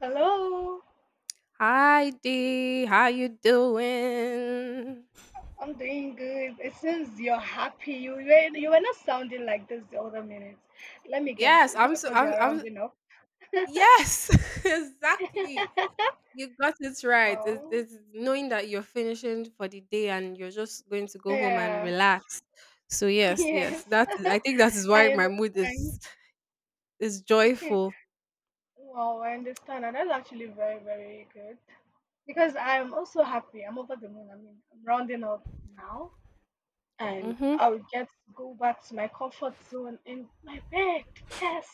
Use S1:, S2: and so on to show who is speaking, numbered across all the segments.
S1: Hello,
S2: Hi D, how you doing?
S1: I'm doing good. It seems you're happy. You were not sounding like this the other minute. Let me guess.
S2: Yes,
S1: Is it
S2: I'm so
S1: because you're
S2: I'm
S1: rounding up?
S2: yes, exactly. You got it right. It's,
S1: Oh,
S2: it's knowing that you're finishing for the day and you're just going to go home and
S1: yeah,
S2: relax. So yes, yes,
S1: yes.
S2: that is. I think that is why
S1: I
S2: my mood
S1: understand.
S2: is joyful.
S1: Wow, I understand, and that's actually very, very good because I'm also happy. I'm over the moon. I mean, I'm rounding up now, and
S2: Mm-hmm.
S1: I'll get to go back to my comfort zone in my bed. Yes.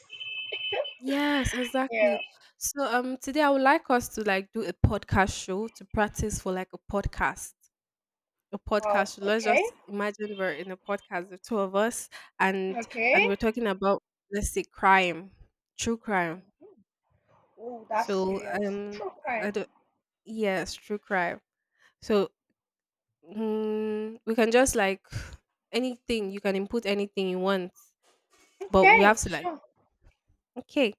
S2: Yes,
S1: Yeah.
S2: exactly. So today I would like us to like do a podcast show to practice for like a podcast. a
S1: Wow.
S2: podcast. So let's
S1: Okay.
S2: just imagine we're in a podcast, the two of us, and and
S1: Okay.
S2: we're talking about, let's say, crime. True crime.
S1: Oh, that's
S2: So
S1: serious. True
S2: I
S1: crime.
S2: don't yes, true crime. So we can just like, anything, you can input anything you want, but we have
S1: Okay,
S2: to like
S1: sure.
S2: okay.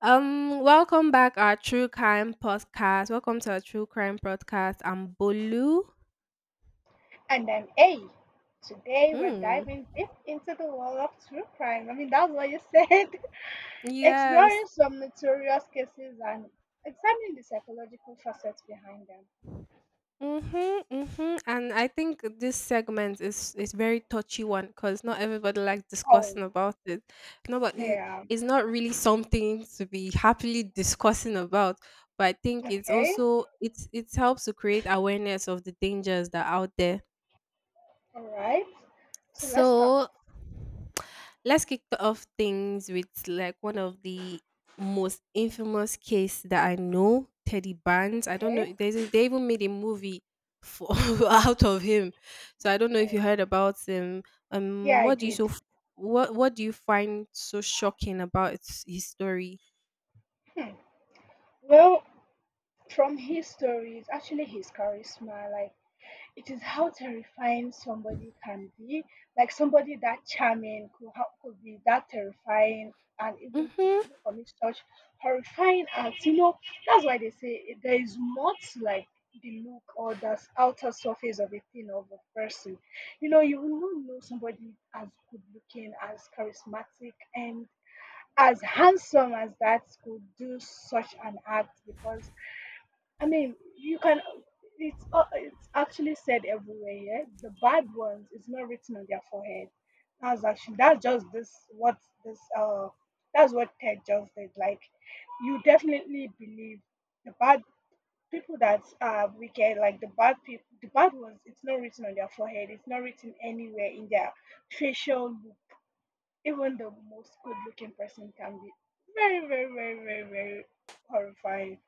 S2: Welcome back our true crime podcast. Welcome to our true crime podcast. I'm Bolu.
S1: And then A. Today we're
S2: Hmm.
S1: diving deep into the world of true crime. I mean, that's what you said.
S2: Yes.
S1: Exploring some notorious cases and examining the psychological facets behind them.
S2: Mhm, mhm. And I think this segment is very touchy one because not everybody likes
S1: Oh,
S2: discussing about it. Nobody, but
S1: yeah.
S2: it's not really something to be happily discussing about. But I think it's
S1: Okay.
S2: also, it helps to create awareness of the dangers that are out there.
S1: All right. So let's start.
S2: So let's kick off things with like one of the most infamous case that I know, Teddy Bands. I don't know.
S1: Okay.
S2: They even made a movie for out of him. So I don't know if you
S1: Oh,
S2: heard about him.
S1: yeah, I
S2: What do you
S1: did.
S2: so what do you find so shocking about his story?
S1: Hmm. Well, from his stories, actually his charisma, like it is how terrifying somebody can be. Like somebody that charming could be that terrifying and even could
S2: Hmm.
S1: even commit such horrifying acts. You know, that's why they say there is not like the look or the outer surface of a thing of a person. You know, you will not know somebody as good looking, as charismatic, and as handsome as that could do such an act because I mean, you can. It's actually said everywhere. Yeah? The bad ones is not written on their forehead. That's actually that's just this what this that's what Ted just did. Like, you definitely believe the bad people that are wicked, like the bad people, the bad ones. It's not written on their forehead. It's not written anywhere in their facial look. Even the most good-looking person can be very, very, very, very, very horrifying.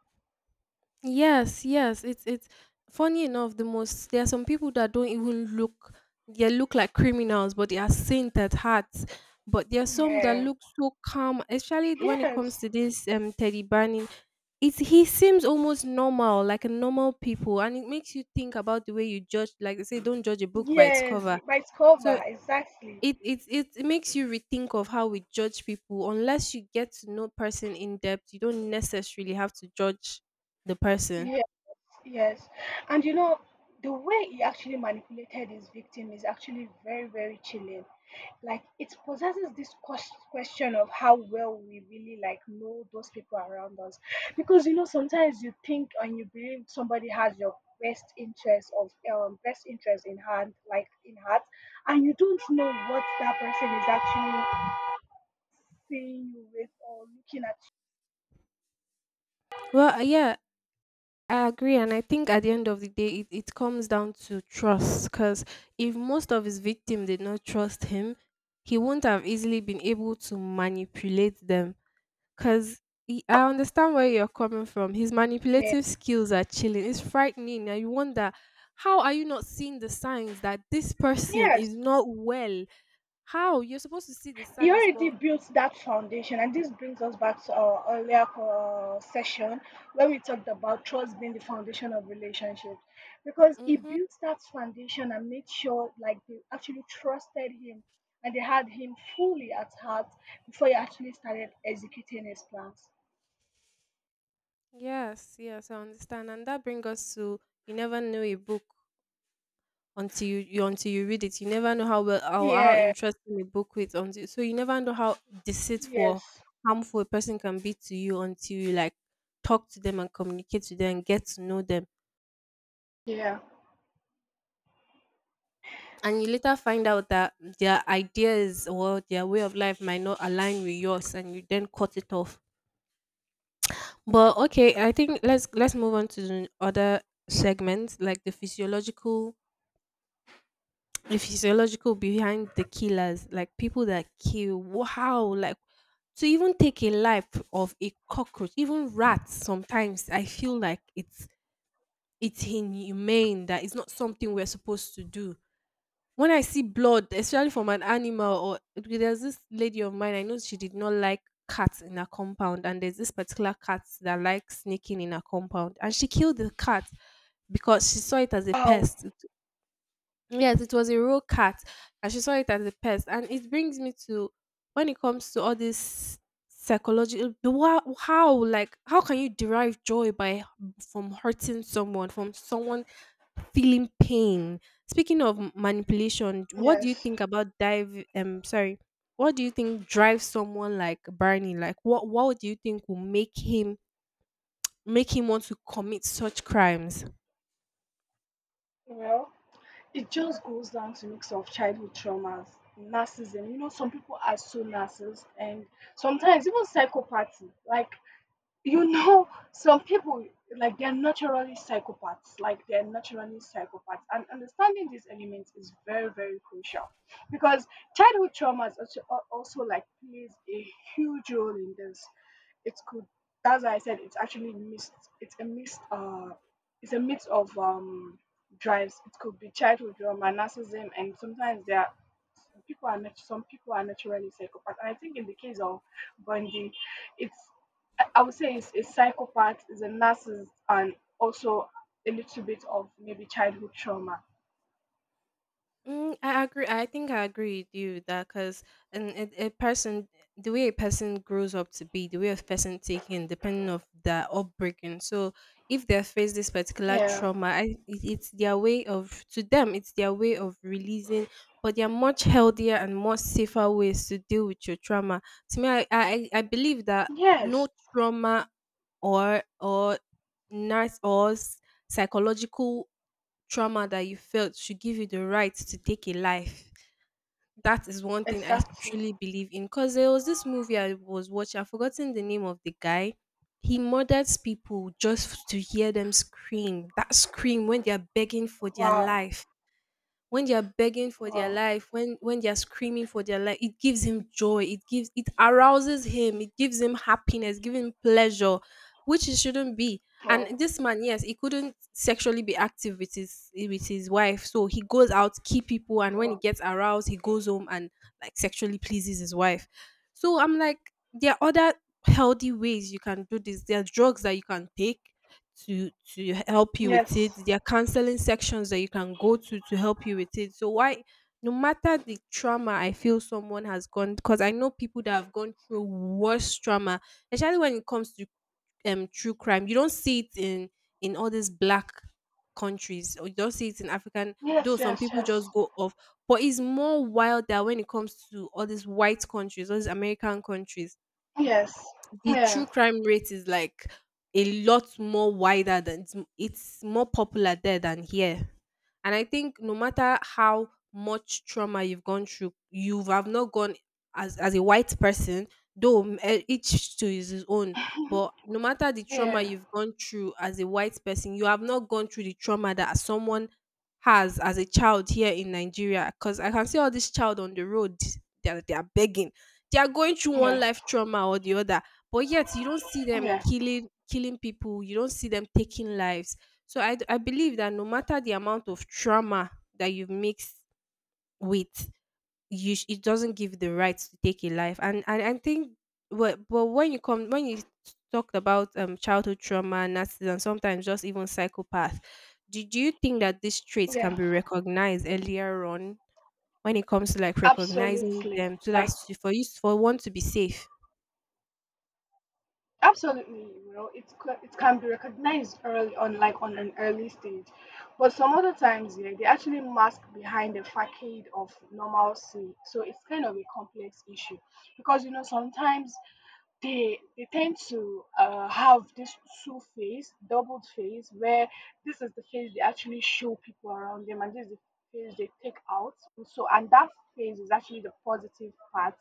S2: Yes, yes. It's funny enough. The most, there are some people that don't even look. They look like criminals, but they are saint at heart. But there are some that
S1: Yeah.
S2: look so calm, especially when it
S1: Yes.
S2: comes to this Teddy Bunny. It's, he seems almost normal, like a normal people, and it makes you think about the way you judge. Like they say, don't judge a book by its
S1: Yes,
S2: cover.
S1: by its
S2: So
S1: cover, exactly.
S2: it makes you rethink of how we judge people. Unless you get to know person in depth, you don't necessarily have to judge the person.
S1: Yes, yes. And you know, the way he actually manipulated his victim is actually very, very chilling. Like it possesses this question of how well we really like know those people around us. Because you know, sometimes you think and you believe somebody has your best interest in hand, like in heart, and you don't know what that person is actually seeing you with or looking at.
S2: Well, yeah, I agree, and I think at the end of the day, it comes down to trust. Because if most of his victims did not trust him, he wouldn't have easily been able to manipulate them. Because I understand where you're coming from. His
S1: You. Yeah.
S2: manipulative skills are chilling. It's frightening. And you wonder, how are you not seeing the signs that this person
S1: Yes.
S2: is not well? How? You're supposed to see the
S1: He
S2: signs,
S1: already
S2: but.
S1: built that foundation, and this brings us back to our earlier session where we talked about trust being the foundation of relationships. Because he
S2: Hmm.
S1: built that foundation and made sure, like, they actually trusted him and they had him fully at heart before he actually started executing his plans.
S2: Yes, yes, I understand. And that brings us to, you never know a book until you until you read it. You never know how well, how
S1: Yeah,
S2: interesting a book is until, so you never know how deceitful or
S1: yes,
S2: harmful a person can be to you until you like talk to them and communicate to them and get to know them
S1: yeah.
S2: and you later find out that their ideas or their way of life might not align with yours and you then cut it off. But okay, I think let's move on to the other segments, like the physiological, behind the killers, like people that kill. Wow, like to even take a life of a cockroach, even rats, sometimes I feel like it's inhumane, that it's not something we're supposed to do. When I see blood, especially from an animal, or there's this lady of mine, I know she did not like cats in her compound, and there's this particular cat that likes sneaking in her compound, and she killed the cat because she saw it as a
S1: Oh,
S2: pest. Yes, it was a real cat, and she saw it as a pest. And it brings me to, when it comes to all this psychological, how like how can you derive joy by, from hurting someone, from someone feeling pain? Speaking of manipulation, what do you
S1: yes.
S2: think about dive? Sorry, what do you think drives someone like Barney? Like, what do you think will make him, make him want to commit such crimes?
S1: Well, it just goes down to mix of childhood traumas, narcissism. You know, some people are so narcissist, and sometimes even psychopathy. Like you know some people like they're naturally psychopaths, and understanding these elements is very, very crucial because childhood traumas also, also like plays a huge role in this. It could That's why I said it's actually mixed. it's a mixed uh it's a mix of drives. It could be childhood trauma, narcissism, and sometimes there are some people are naturally psychopaths. And I think in the case of Bundy, it's I would say it's a psychopath, is a narcissist, and also a little bit of maybe childhood trauma.
S2: Mm, I agree. I think I agree with you that, because a person, the way a person grows up to be, the way a person taken, depending of their upbringing. So if they face this particular
S1: Yeah.
S2: trauma, it's their way of, to them, it's their way of releasing. But there are much healthier and more safer ways to deal with your trauma. To me, I believe that
S1: Yes.
S2: no trauma or nurse or psychological trauma that you felt should give you the right to take a life. That is one thing I
S1: Exactly.
S2: truly believe in. Because there was this movie I was watching, I've forgotten the name of the guy. He murders people just to hear them scream. That scream when they are begging for their
S1: Wow.
S2: life, when they are begging for their
S1: Wow.
S2: life, when they are screaming for their life, it gives him joy. It gives, it arouses him. It gives him happiness, giving him pleasure, which it shouldn't be.
S1: Wow.
S2: And this man, yes, he couldn't sexually be active with his wife, so he goes out, key people, and when he
S1: Wow.
S2: gets aroused, he goes home and like sexually pleases his wife. So I'm like, there are other healthy ways you can do this. There are drugs that you can take to help you with it.
S1: Yes.
S2: There are counseling sections that you can go to help you with it. So why, no matter the trauma I feel someone has gone, because I know people that have gone through worse trauma, especially when it comes to true crime. You don't see it in all these black countries, or you don't see it in African, though
S1: Yes.
S2: some
S1: Yes.
S2: people
S1: Yes.
S2: just go off. But it's more wild that when it comes to all these white countries, all these American countries,
S1: Yes.
S2: the true
S1: Yeah.
S2: crime rate is like a lot more wider than, it's more popular there than here. And I think no matter how much trauma you've gone through, you have not gone as a white person, though each to his own. But no matter the trauma
S1: Yeah.
S2: you've gone through as a white person, you have not gone through the trauma that someone has as a child here in Nigeria. Because I can see all this child on the road that they are begging, they are going through one
S1: Yes.
S2: life trauma or the other, but yet you don't see them
S1: Yeah.
S2: killing, killing people, you don't see them taking lives. So I believe that no matter the amount of trauma that you've mixed with, it doesn't give the right to take a life. And I think, but when you come, when you talked about childhood trauma, narcissism, sometimes just even psychopath, do you think that these traits can
S1: Yeah.
S2: be recognized earlier on, when it comes to like recognizing
S1: Absolutely.
S2: them, so
S1: Like
S2: that's for you, for one to be safe?
S1: Absolutely, you know, it can be recognized early on, like on an early stage, but some other times, yeah, they actually mask behind a facade of normalcy. So it's kind of a complex issue because you know sometimes they tend to have this two phase, doubled phase, where this is the phase they actually show people around them, and this is the phase they take out. So, and that phase is actually the positive part,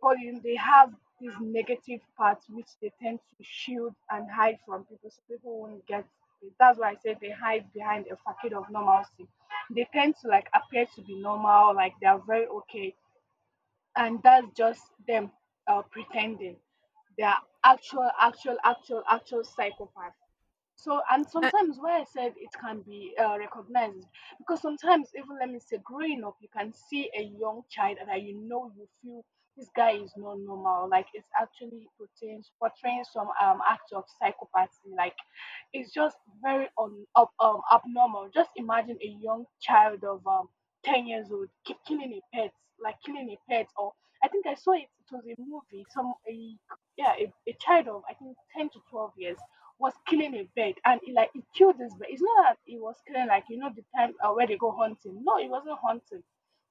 S1: but they have this negative part which they tend to shield and hide from people, so people won't get it. That's why I said they hide behind a facade of normalcy. They tend to like appear to be normal, like they are very okay, and that's just them pretending they are actual psychopaths. So and
S2: uh,
S1: sometimes why I said it can be recognized is because sometimes even let me say growing up you can see a young child that you know you feel this guy is not normal, like it's actually portraying some act of psychopathy. Like it's just very abnormal. Just imagine a young child of 10 years old keep killing a pet, like killing a pet. Or I think I saw it it was a movie, some a yeah a child of I think 10 to 12 years was killing a bird. And he, like, he killed this bird. It's not that he was killing, like, you know, the time where they go hunting. No, he wasn't hunting.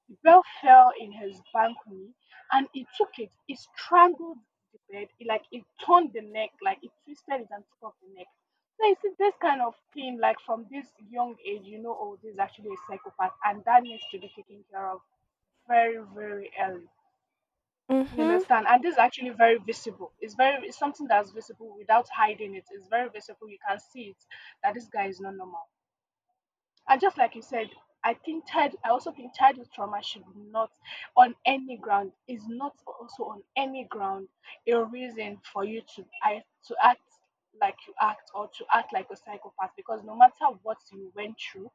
S1: The bell fell in his balcony and he took it. He strangled the bed. He, like, he turned the neck, like, he twisted it and took off the neck. So you see this kind of thing, like from this young age, you know, oh, this is actually a psychopath, and that needs to be taken care of very, very early. You
S2: mhm.
S1: understand? And this is actually very visible. It's something that's visible without hiding it. It's very visible. You can see it that this guy is not normal. And just like you said, I also think childhood trauma should not, on any ground, is not also on any ground a reason for you to act, to act like you act or to act like a psychopath. Because no matter what you went through,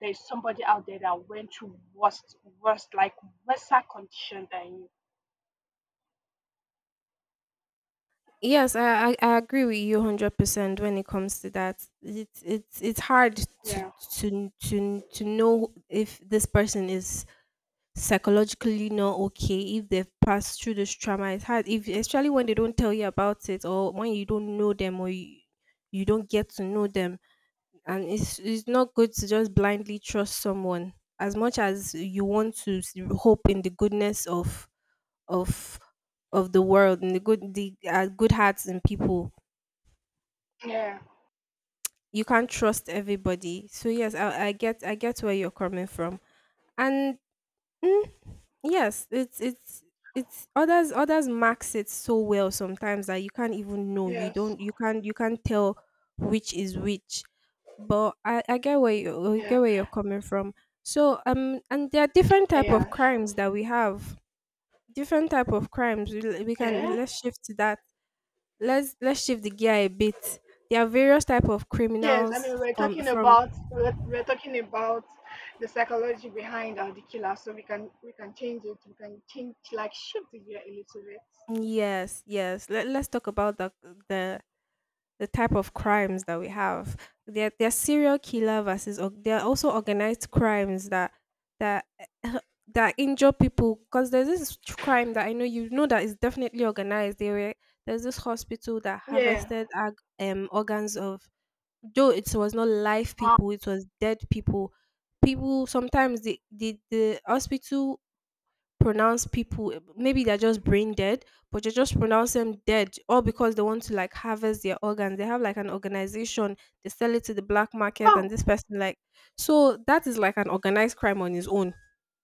S1: there is somebody out there that went through worst, worst, like worser condition than you.
S2: Yes, I agree with you 100% when it comes to that. It's hard to,
S1: Yeah.
S2: to know if this person is psychologically not okay, if they've passed through this trauma. It's hard, if especially when they don't tell you about it, or when you don't know them, or you don't get to know them. And it's not good to just blindly trust someone. As much as you want to hope in the goodness of of the world and the good, the good hearts in people,
S1: Yeah.
S2: you can't trust everybody. So yes, I get where you're coming from. And mm, yes, it's others, others max it so well sometimes that you can't even know, you
S1: Yes.
S2: don't, you can't, you can't tell which is which. But I get where you, I
S1: Yeah.
S2: get where you're coming from. So and there are different type of
S1: Yeah.
S2: crimes that we have. Different type of crimes. We
S1: Yeah.
S2: can, let's shift to that. Let's shift the gear a bit. There are various type of
S1: Yes, I
S2: criminals
S1: mean
S2: from from
S1: we're talking about the psychology behind the killer, so we can change it. We can change, like, shift it here a little
S2: yes, yes. Let's talk about the the type of crimes that we have. There are serial killer versus there are also organized crimes that, that, eh, that injure people, because there's this crime that I know you know that is definitely organized. There were, there's this hospital that
S1: bit. Yeah.
S2: harvested organs of, though it was not live
S1: Wow.
S2: people, it was dead people. People sometimes the hospital pronounce people, maybe they're just brain dead, but you just pronounce them dead all because they want to like harvest their organs. They have like an organization, they sell it to the black market and
S1: Oh
S2: this person like. So that is like an organized crime on its own,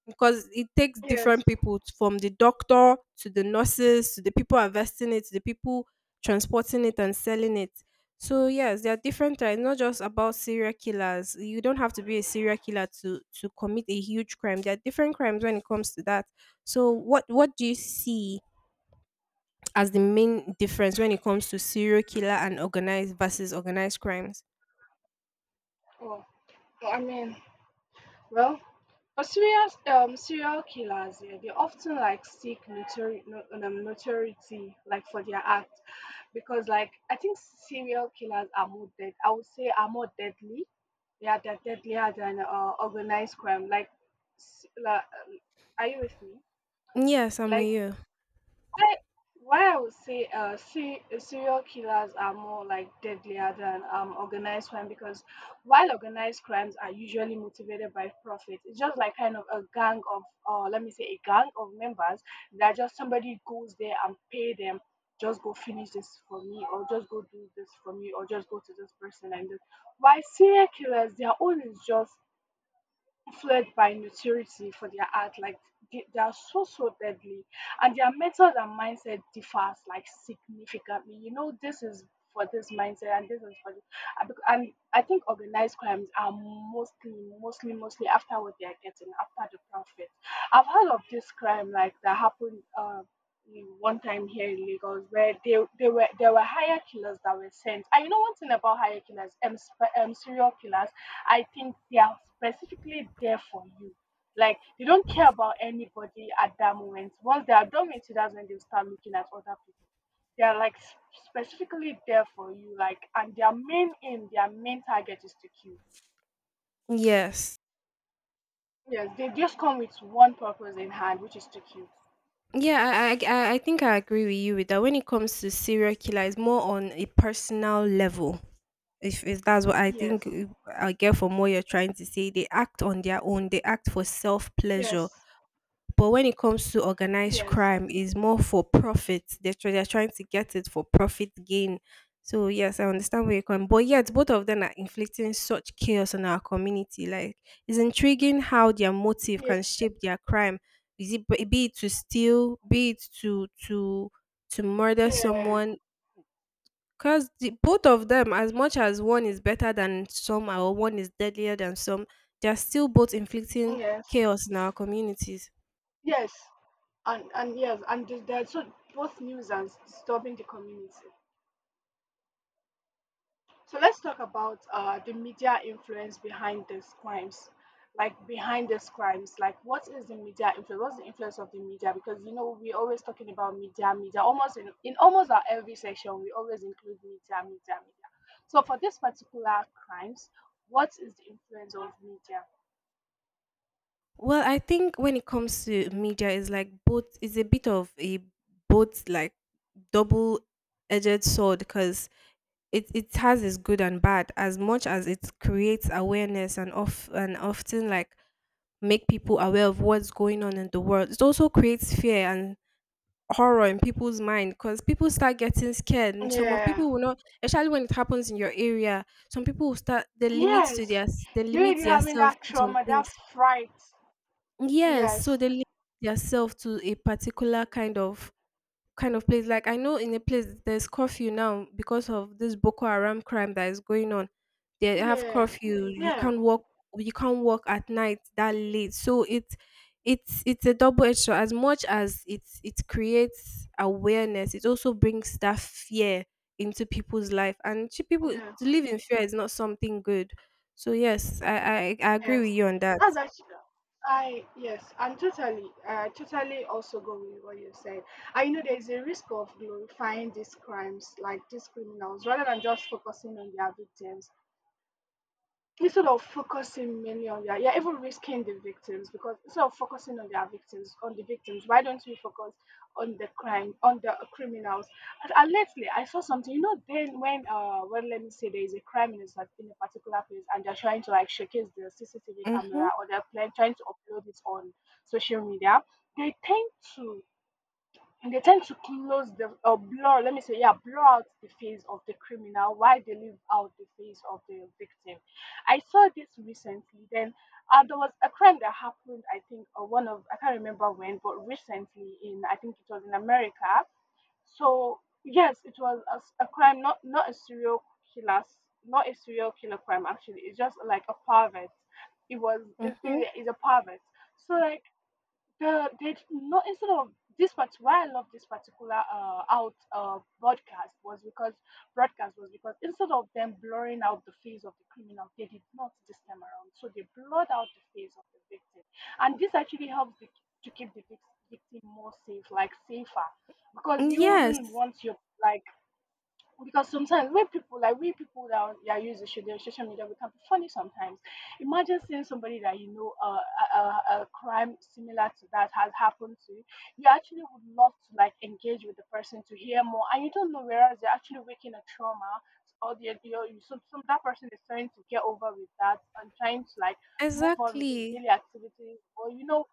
S2: because it takes
S1: yes.
S2: different people from the doctor to the nurses to the people investing it to the people transporting it and selling it. So yes, there are different types, not just about serial killers. You don't have to be a serial killer to commit a huge crime. There are different crimes when it comes to that. So what do you see as the main difference when it comes to serial killer and organized versus organized crimes?
S1: Oh, I mean, well, for serious serial killers, yeah, they often like seek notori- no, notoriety, like for their act, because, like, I think serial killers are more dead. I would say are more deadly. Yeah, they're deadlier than organized crime. Like, s- la- um, are you with me?
S2: Yes, I'm with
S1: Like,
S2: you.
S1: why why I would say serial killers are more like deadlier than organized crime because while organized crimes are usually motivated by profit, it's just like kind of a gang of, let me say, a gang of members that just somebody goes there and pay them, just go finish this for me, or just go do this for me, or just go to this person and this. Why serial killers, their own is just influenced by notoriety for their art. Like they are so deadly, and their method and mindset differs like significantly. You know, this is for this mindset, and this is for this. And I think organized crimes are mostly after what they are getting, after the profit. I've heard of this crime like that happened. One time here in Lagos, where they were there were hire killers that were sent. And you know one thing about hire killers, serial killers. I think they are specifically there for you. Like they don't care about anybody at that moment. Once they are done with you, that's when they start looking at other people. They are like specifically there for you. Like and their main aim, their main target is to kill.
S2: Yes.
S1: Yes, they just come with one purpose in hand, which is to kill.
S2: Yeah, I think I agree with you with that. When it comes to serial killer, it's more on a personal level. If that's what I think,
S1: Yes.
S2: I get from what you're trying to say, they act on their own. They act for self
S1: Yes.
S2: pleasure. But when it comes to organized
S1: Yes.
S2: crime, is more for profit. They're trying to get it for profit gain. So yes, I understand where you're coming. But yet, both of them are inflicting such chaos on our community. Like, it's intriguing how their motive
S1: Yes.
S2: can shape their crime. Is it be it to steal, be it to to murder
S1: Yeah.
S2: someone? Because both of them, as much as one is better than some or one is deadlier than some, they're still both inflicting
S1: Yes.
S2: chaos in our communities.
S1: Yes. And yes, and they're so both news and disturbing the community. So let's talk about the media influence behind these crimes. Like behind these crimes, like what is the media influence? What's the influence of the media? Because you know we're always talking about media, media. Almost in almost our every section, we always include media, media, media. So for this particular crimes, what is the influence of media?
S2: Well, I think when it comes to media, it's like both. It's a bit of a both like double-edged sword, because it has its good and bad. As much as it creates awareness and off and often like make people aware of what's going on in the world, it also creates fear and horror in people's mind, because people start getting scared and some of
S1: Yeah.
S2: people will not, especially when it happens in your area. Some people will start, they limit to
S1: Yes.
S2: their, they
S1: You
S2: limit
S1: really having
S2: themselves
S1: that
S2: to some
S1: trauma,
S2: things.
S1: that fright.
S2: Yes, so
S1: Yes.
S2: they limit theirself to a particular kind of place. Like I know in a place there's curfew now because of this Boko Haram crime that is going on. They have
S1: Yeah.
S2: curfew. You
S1: Yeah.
S2: can't walk. You can't walk at night that late. So it's it's a double edged sword. As much as it creates awareness, it also brings that fear into people's life. And to people,
S1: Yeah.
S2: to live in fear is not something good. So yes, I agree with
S1: Yes,
S2: you on that.
S1: that's actually, I yes, and totally, I totally also go with what you said. I know there's a risk of glorifying these crimes, like these criminals, rather than just focusing on their victims, instead of focusing mainly on their, you're even risking the victims because instead of focusing on their victims, on the victims, why don't we focus on the crime, on the criminals? And lately, I saw something. You know, then when let me say there is a crime in a, in a particular place, and they're trying to like showcase the CCTV camera,
S2: Mhm.
S1: or they're trying to upload it on social media. They tend to they tend to close the or blur, let me say, yeah, blur out the face of the criminal while they leave out the face of the victim. I saw this recently. Then there was a crime that happened, I think, or one of I can't remember when, but recently in I think it was in America. So yes, it was a, a crime, not a serial killer, s- not a serial killer crime actually. It's just like a pervert. It
S2: Mhm.
S1: is a pervert. So like the they not instead of this part. Why I love this particular out broadcast was because instead of them blurring out the face of the criminal, they did not this time around. So they blurred out the face of the victim, and this actually helps to keep the victim more safe, like safer, because you
S2: Yes,
S1: wouldn't want your like because sometimes we people like we people that are, that use the social media, we can be funny sometimes. Imagine seeing somebody that you know a crime similar to that has happened to you. You actually would love to like engage with the person to hear more, and you don't know whereas they're actually waking a trauma, or the some, that person is trying to get over with that and trying to like move on with his
S2: exactly.
S1: daily activities, or you know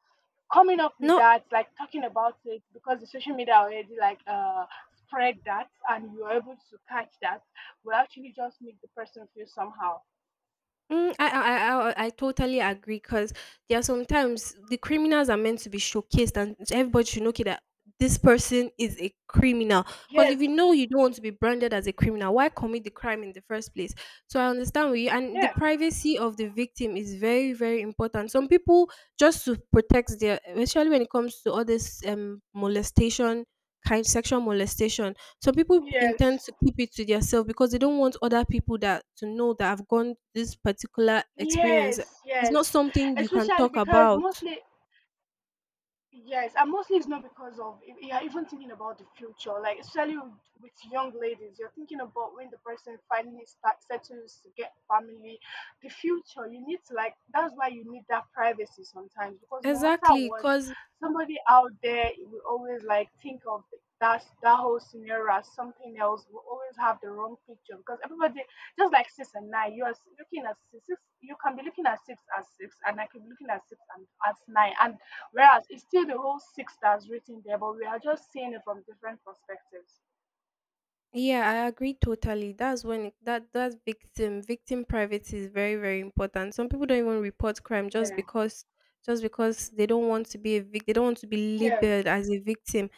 S1: coming up with
S2: No,
S1: that, like talking about it, because the social media already like spread that, and you are able to catch that, will actually just make the person feel somehow.
S2: I totally agree, because there are sometimes the criminals are meant to be showcased, and everybody should know, okay, that this person is a criminal. Because
S1: Yes,
S2: if you know you don't want to be branded as a criminal, why commit the crime in the first place? So I understand with you, and the
S1: yeah,
S2: privacy of the victim is very, very important. Some people just to protect their, especially when it comes to all this molestation, kind sexual molestation. Some people
S1: yes,
S2: intend to keep it to themselves because they don't want other people that to know that I've gone this particular experience.
S1: yes,
S2: It's not
S1: yes.
S2: something you can
S1: Especially
S2: talk
S1: because
S2: about.
S1: mostly. Yes, and mostly it's not because of you're even thinking about the future, like especially with young ladies, you're thinking about when the person finally start settles to get family, the future. You need to like that's why you need that privacy sometimes, because no matter
S2: Exactly,
S1: what,
S2: cause
S1: somebody out there will always like think of that whole scenario as something else. Will always have the wrong picture because everybody just like six and nine, you are looking at six, six. You can be looking at six as six, and I can be looking at six and as nine, and whereas it's still the whole six that's written there, but we are just seeing it from different perspectives.
S2: yeah, I agree totally. That's when it, that that victim privacy is very, very important. Some people don't even report crime
S1: Yeah.
S2: just because they don't want to be a they don't want to be
S1: Yeah.
S2: labeled as a victim.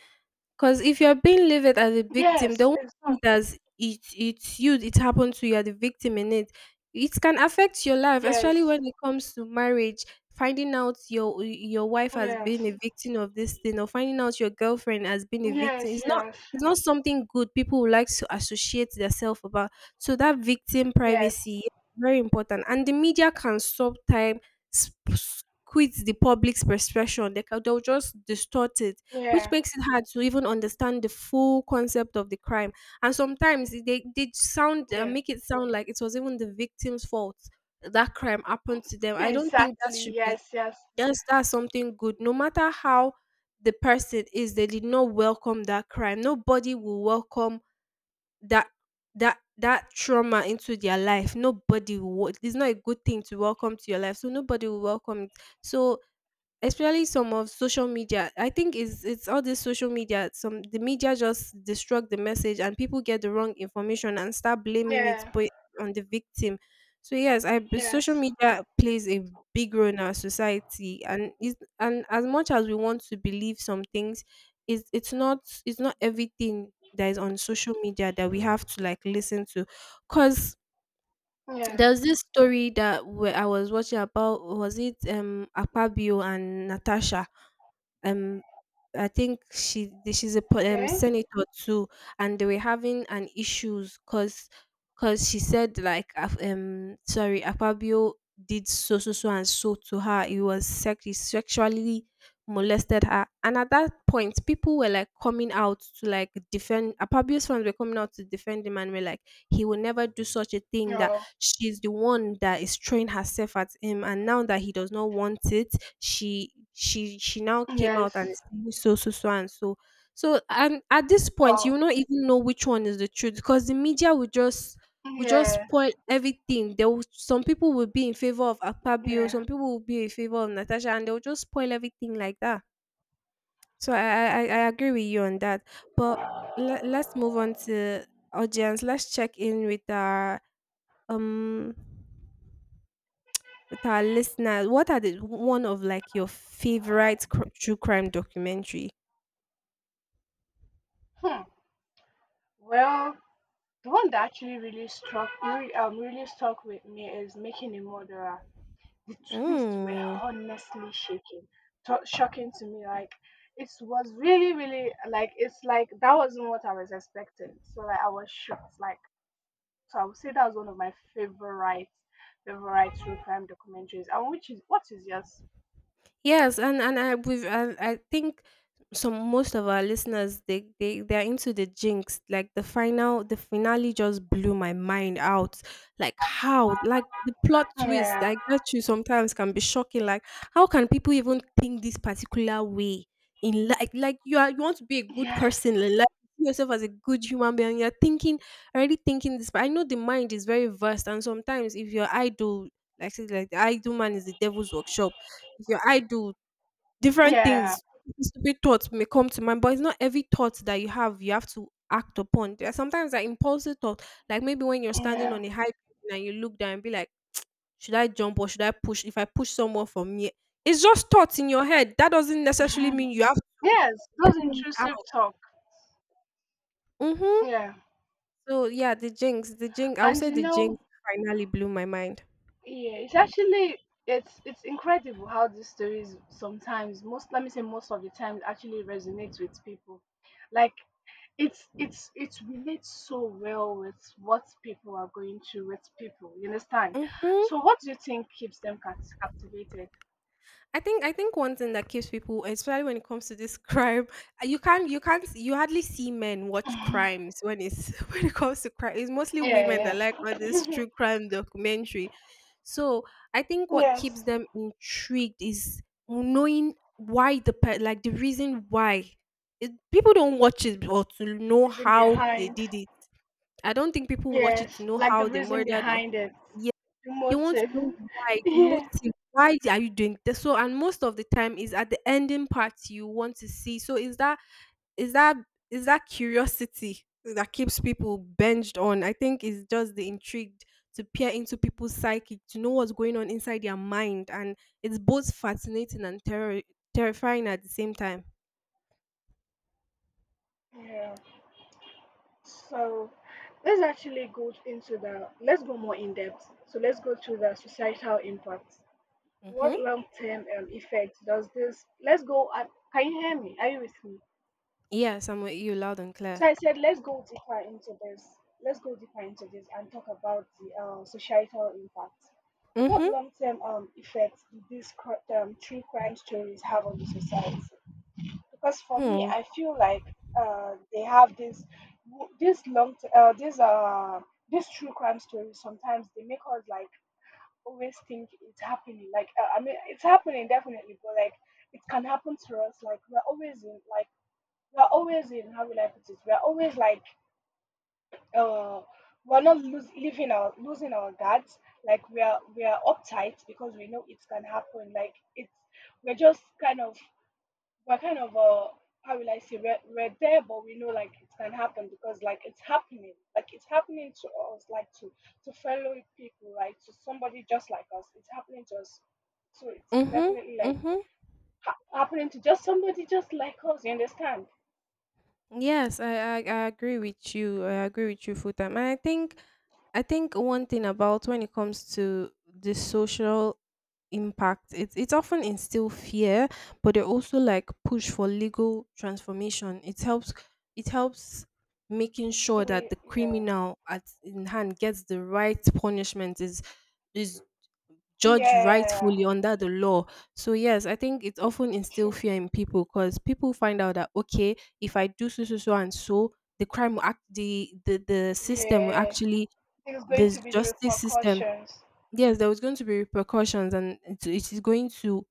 S2: Because if you're being labeled as a victim, they
S1: Yes.
S2: won't
S1: It's
S2: see
S1: not.
S2: it as it's you, it happened to you, you're the victim in it. It can affect your life, especially
S1: Yes.
S2: when it comes to marriage. Finding out your wife has
S1: Yes.
S2: been a victim of this thing, or finding out your girlfriend has been a victim,
S1: Yes.
S2: it's not,
S1: Yes.
S2: it's not something good people would like to associate themselves about. So that victim
S1: Yes.
S2: privacy is very important, and the media can sometimes squeeze the public's perception. They can, they'll just distort it, which
S1: Yeah.
S2: makes it hard to even understand the full concept of the crime. And sometimes they sound,
S1: Yeah.
S2: make it sound like it was even the victim's fault that crime happened to them. I don't think that
S1: Exactly.
S2: should be,
S1: Yes. Yes.
S2: that's something good. No matter how the person is, they did not welcome that crime. Nobody will welcome that that that trauma into their life, nobody will. It's not a good thing to welcome to your life, so nobody will welcome it. So, especially some of social media, I think it's all this social media, some the media just destruct the message and people get the wrong information and start blaming it,
S1: Yeah.
S2: put on the victim. So yes, social
S1: Yes.
S2: media plays a big role in our society, and as much as we want to believe some things, it's not, it's not everything that is on social media that we have to like listen to, because
S1: Yeah.
S2: there was this story that where I was watching about, was it, Apabio and Natasha. Um, I think she she's a
S1: Okay.
S2: senator too, and they were having an issues because she said like sorry, Apabio did so so so and so to her. He was sex he sexually molested her, and at that point, people were like coming out to like defend Apabio's, friends were coming out to defend him and were like, he will never do such a thing that.
S1: Oh.
S2: She's the one that is throwing herself at him, and now that he does not want it, she now came out and
S1: Yes.
S2: is saying so so. So and at this point, you
S1: Oh.
S2: will not even know which one is the truth because the media will just, will just
S1: Yeah.
S2: spoil everything. There will, some people will be in favor of Akpabio,
S1: Yeah.
S2: some people will be in favor of Natasha, and they'll just spoil everything like that. So I agree with you on that. But let's move on to audience. Let's check in um with our listeners, what are the one of like your favorite true crime documentary?
S1: Hmm. Well, the one that actually really struck, really, really stuck with me is Making a Murderer. The twists were
S2: Mm.
S1: honestly shaking, shocking to me. Like it was really, really like it's like that wasn't what I was expecting. So like I was shocked. Like so, I would say that was one of my favorite, favorite true crime documentaries. And which is what is yours?
S2: Yes, and I think some most of our listeners, they they're into the jinx. Like the final the finale just blew my mind out. Like how, like the plot twist
S1: Yeah.
S2: I get you sometimes can be shocking. Like how can people even think this particular way in, like you are, you want to be a good
S1: Yes.
S2: person in life. You see yourself as a good human being, you're thinking, already thinking this, but I know the mind is very vast. And sometimes if your idol, like say, like the idol man is the devil's workshop, if your idol different
S1: Yeah.
S2: things, stupid thoughts may come to mind, but it's not every thought that you have to act upon. There are sometimes that impulsive thought, like maybe when you're standing
S1: Yeah.
S2: on a high building and you look down and be like, should I jump or should I push? If I push someone from me, it's just thoughts in your head. That doesn't necessarily
S1: Mhm.
S2: mean you have to
S1: Yes. Those intrusive
S2: act.
S1: talk.
S2: Mm-hmm.
S1: Yeah.
S2: So yeah, the jinx, the jinx. I would
S1: And
S2: say
S1: you
S2: the jinx
S1: know,
S2: finally blew my mind.
S1: yeah, it's actually it's incredible how these stories sometimes most, let me say most of the time, actually resonates with people. Like it's it relates so well with what people are going through, with people. You understand?
S2: Mm-hmm.
S1: So what do you think keeps them captivated?
S2: I think, I think one thing that keeps people, especially when it comes to this crime, you can't you hardly see men watch crimes when it's when it comes to crime. It's mostly women that
S1: Yeah,
S2: like all this
S1: yeah.
S2: true crime documentary. So I think what keeps
S1: Yes.
S2: them intrigued is knowing why the like the reason why it, people don't watch it or to
S1: The
S2: know
S1: reason
S2: how they
S1: behind.
S2: did it. I don't think people watch it to
S1: Yes,
S2: know
S1: like the
S2: how they
S1: reason
S2: murdered or,
S1: behind it. The
S2: they want to know
S1: motive.
S2: why, the
S1: Yeah.
S2: motive. Why are you doing this? So, and most of the time is at the ending part you want to see. So, is that, is that is that curiosity that keeps people binged on? I think it's just the intrigue to peer into people's psyche, to know what's going on inside their mind, and it's both fascinating and terrifying at the same time.
S1: Yeah. So let's actually go into the let's go more in depth. So let's go to the societal impact. What
S2: Mm-hmm.
S1: long-term effects does this? Let's go. Can you hear me? Are you with me?
S2: Yes, I'm with you loud and clear.
S1: So I said let's go deeper into this. Let's go deeper into this and talk about the societal impact. What
S2: Mm-hmm.
S1: long-term effects do these true crime stories have on the society? Because for me
S2: Hmm.
S1: I feel like they have this long this true crime stories sometimes they make us like always think it's happening like I mean it's happening definitely, but like it can happen to us, like we're always in like we're always in how will I put it, we're always like uh we're not lose, living our losing our guards, like we are uptight because we know it can happen, like it's we're just kind of we're kind of how will I say we're there, but we know like it can happen because like it's happening, like it's happening to us, like to fellow people, like to somebody just like us, it's happening to us, so it's
S2: Mm-hmm.
S1: definitely like
S2: Mm-hmm.
S1: happening to just somebody just like us, you understand.
S2: Yes, I agree with you. I agree with you full time. And I think, I think one thing about when it comes to the social impact, it's often instill fear, but they also like push for legal transformation. It helps, it helps making sure that
S1: We
S2: the
S1: yeah.
S2: criminal at in hand gets the right punishment, is judge
S1: Yeah
S2: rightfully under the law. So yes, I think it often instill
S1: true.
S2: fear in people, because people find out that, okay, if I do so so so and so, the crime will act the system will
S1: Yeah
S2: actually,
S1: this going
S2: the
S1: to be the
S2: justice system.
S1: repercussions.
S2: Yes, there was going to be repercussions, and it is going to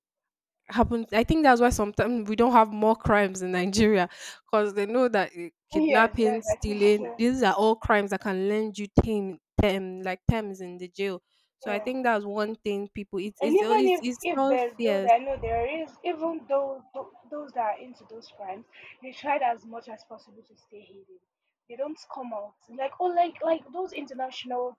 S2: happens. I think that's why sometimes we don't have more crimes in Nigeria, because they know that eh,
S1: Yes
S2: kidnapping,
S1: yes I think
S2: stealing,
S1: so.
S2: these are all crimes that can land you ten, ten like terms in the jail. So I
S1: Yeah,
S2: think that's one thing people.
S1: and even
S2: It's
S1: if
S2: not
S1: there, though
S2: fears.
S1: I know there is even though those that are into those crimes, they tried as much as possible to stay hidden. They don't come out like oh, like those international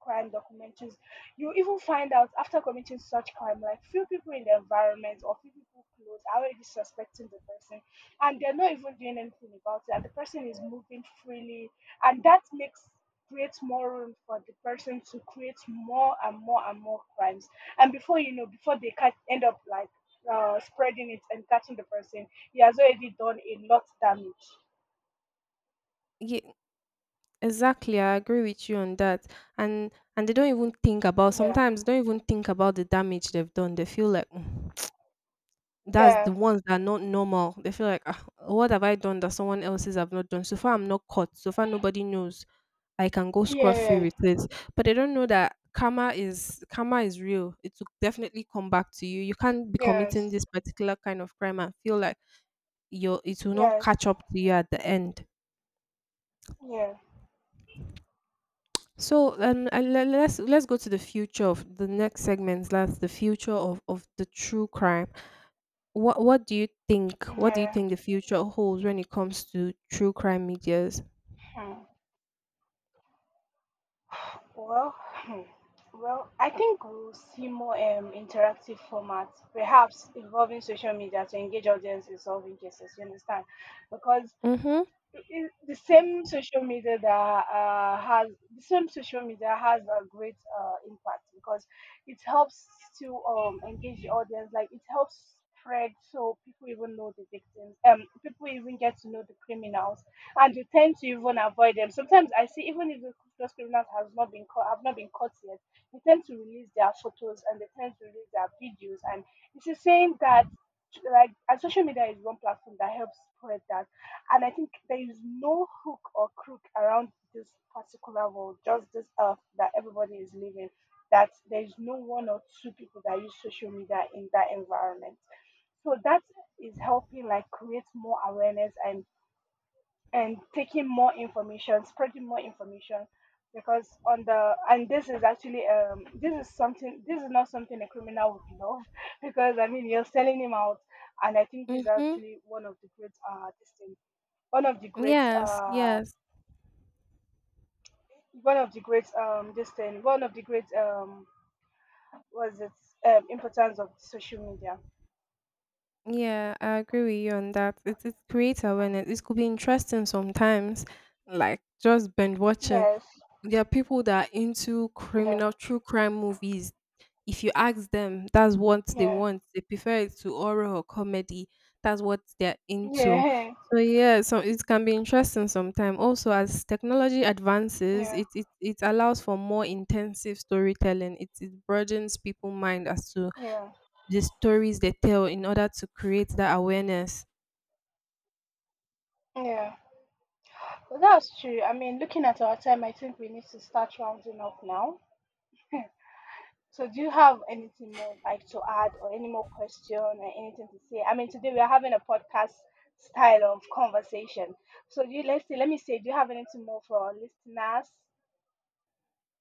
S1: crime documentaries. You even find out after committing such crime, like few people in the environment or few people close are already suspecting the person, and they're not even doing anything about it. And the person is moving freely, and that makes creates more room for the person to create more and more and more crimes, and before you know, before they can end up like spreading it and catching the person, he has already done a lot damage.
S2: Yeah, exactly. I agree with you on that. And and they don't even think about,
S1: Yeah.
S2: sometimes they don't even think about the damage they've done. They feel like, "Mm, that's
S1: Yeah.
S2: the ones that are not normal. They feel like, ah, what have I done that someone else's have not done? So far, I'm not caught. So far, nobody knows. I can go scrub free
S1: Yeah.
S2: with it. But they don't know that karma is, karma is real. It will definitely come back to you. You can't be committing
S1: Yes.
S2: this particular kind of crime and feel like your, it will not
S1: Yes.
S2: catch up to you at the end.
S1: Yeah.
S2: So and let's go to the future of the next segment. That's the future of the true crime. What do you think? What do you
S1: Yeah.
S2: think the future holds when it comes to true crime medias?
S1: hmm. Well. Hmm. Well, I think we'll see more interactive formats, perhaps involving social media to engage audiences solving cases, you understand, because
S2: Mm-hmm.
S1: the same social media that has the same social media has a great impact, because it helps to engage the audience, like it helps spread, so people even know the victims, people even get to know the criminals, and they tend to even avoid them sometimes. I see even if the those criminals has not been caught, have not been caught yet, they tend to release their photos and they tend to release their videos, and it's the same that like and social media is one platform that helps spread that. And I think there is no hook or crook around this particular world, just this earth that everybody is living, that there is no one or two people that use social media in that environment. So that is helping like create more awareness and taking more information, spreading more information. Because on the and this is actually this is something, this is not something a criminal would love because I mean you're selling him out. And I think this is
S2: Mm-hmm.
S1: actually one of the great this thing one of the great
S2: Yes, yes.
S1: one of the great this thing one of the great was it importance of social media.
S2: Yeah, I agree with you on that. It creates awareness. It could be interesting sometimes, like just binge watching.
S1: Yes.
S2: There are people that are into
S1: Yeah.
S2: criminal true crime movies. If you ask them, that's what they
S1: Yeah.
S2: want. They prefer it to horror or comedy. That's what they're into.
S1: Yeah.
S2: So yeah, so it can be interesting sometimes. Also, as technology advances,
S1: Yeah.
S2: it allows for more intensive storytelling. It broadens people's mind as to
S1: Yeah.
S2: the stories they tell in order to create that awareness.
S1: Yeah. Well, that's true. I mean, looking at our time, I think we need to start rounding up now. So do you have anything more like to add, or any more question or anything to say? I mean today we are having a podcast style of conversation. So do you let's see let me say, do you have anything more for our listeners?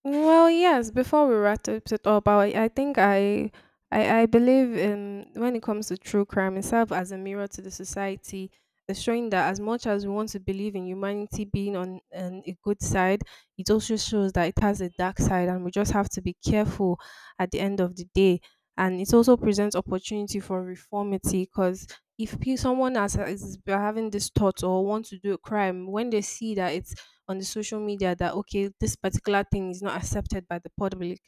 S2: Well, yes, before we wrap it up, I think I believe in, when it comes to true crime, it serves as a mirror to the society, showing that as much as we want to believe in humanity being on an, a good side, it also shows that it has a dark side, and we just have to be careful at the end of the day. And it also presents opportunity for reformity, because if someone has, is having this thought or want to do a crime, when they see that it's on the social media that, okay, this particular thing is not accepted by the public,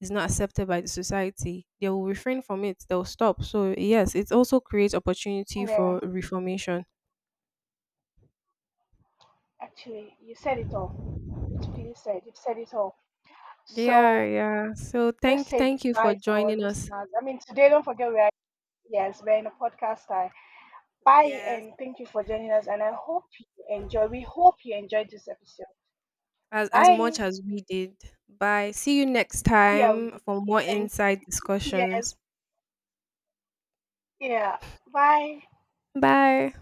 S2: is not accepted by the society, they will refrain from it. They'll stop. So yes, it also creates opportunity
S1: Yeah.
S2: for reformation.
S1: Actually, you said it all. Beautifully said. You've said it all.
S2: Yeah,
S1: So
S2: yeah. So
S1: let's say
S2: thank you for
S1: goodbye to our
S2: joining us.
S1: listeners. I mean, today, don't forget we are, yes, we're in a podcast time. Bye
S2: Yes.
S1: and thank you for joining us. And I hope you enjoy. We hope you enjoyed this episode.
S2: As
S1: Bye.
S2: much as we did. Bye. See you next
S1: Yeah, we
S2: time
S1: did.
S2: for more
S1: Thank
S2: inside
S1: you. Yes.
S2: discussions.
S1: Yeah. Bye.
S2: Bye.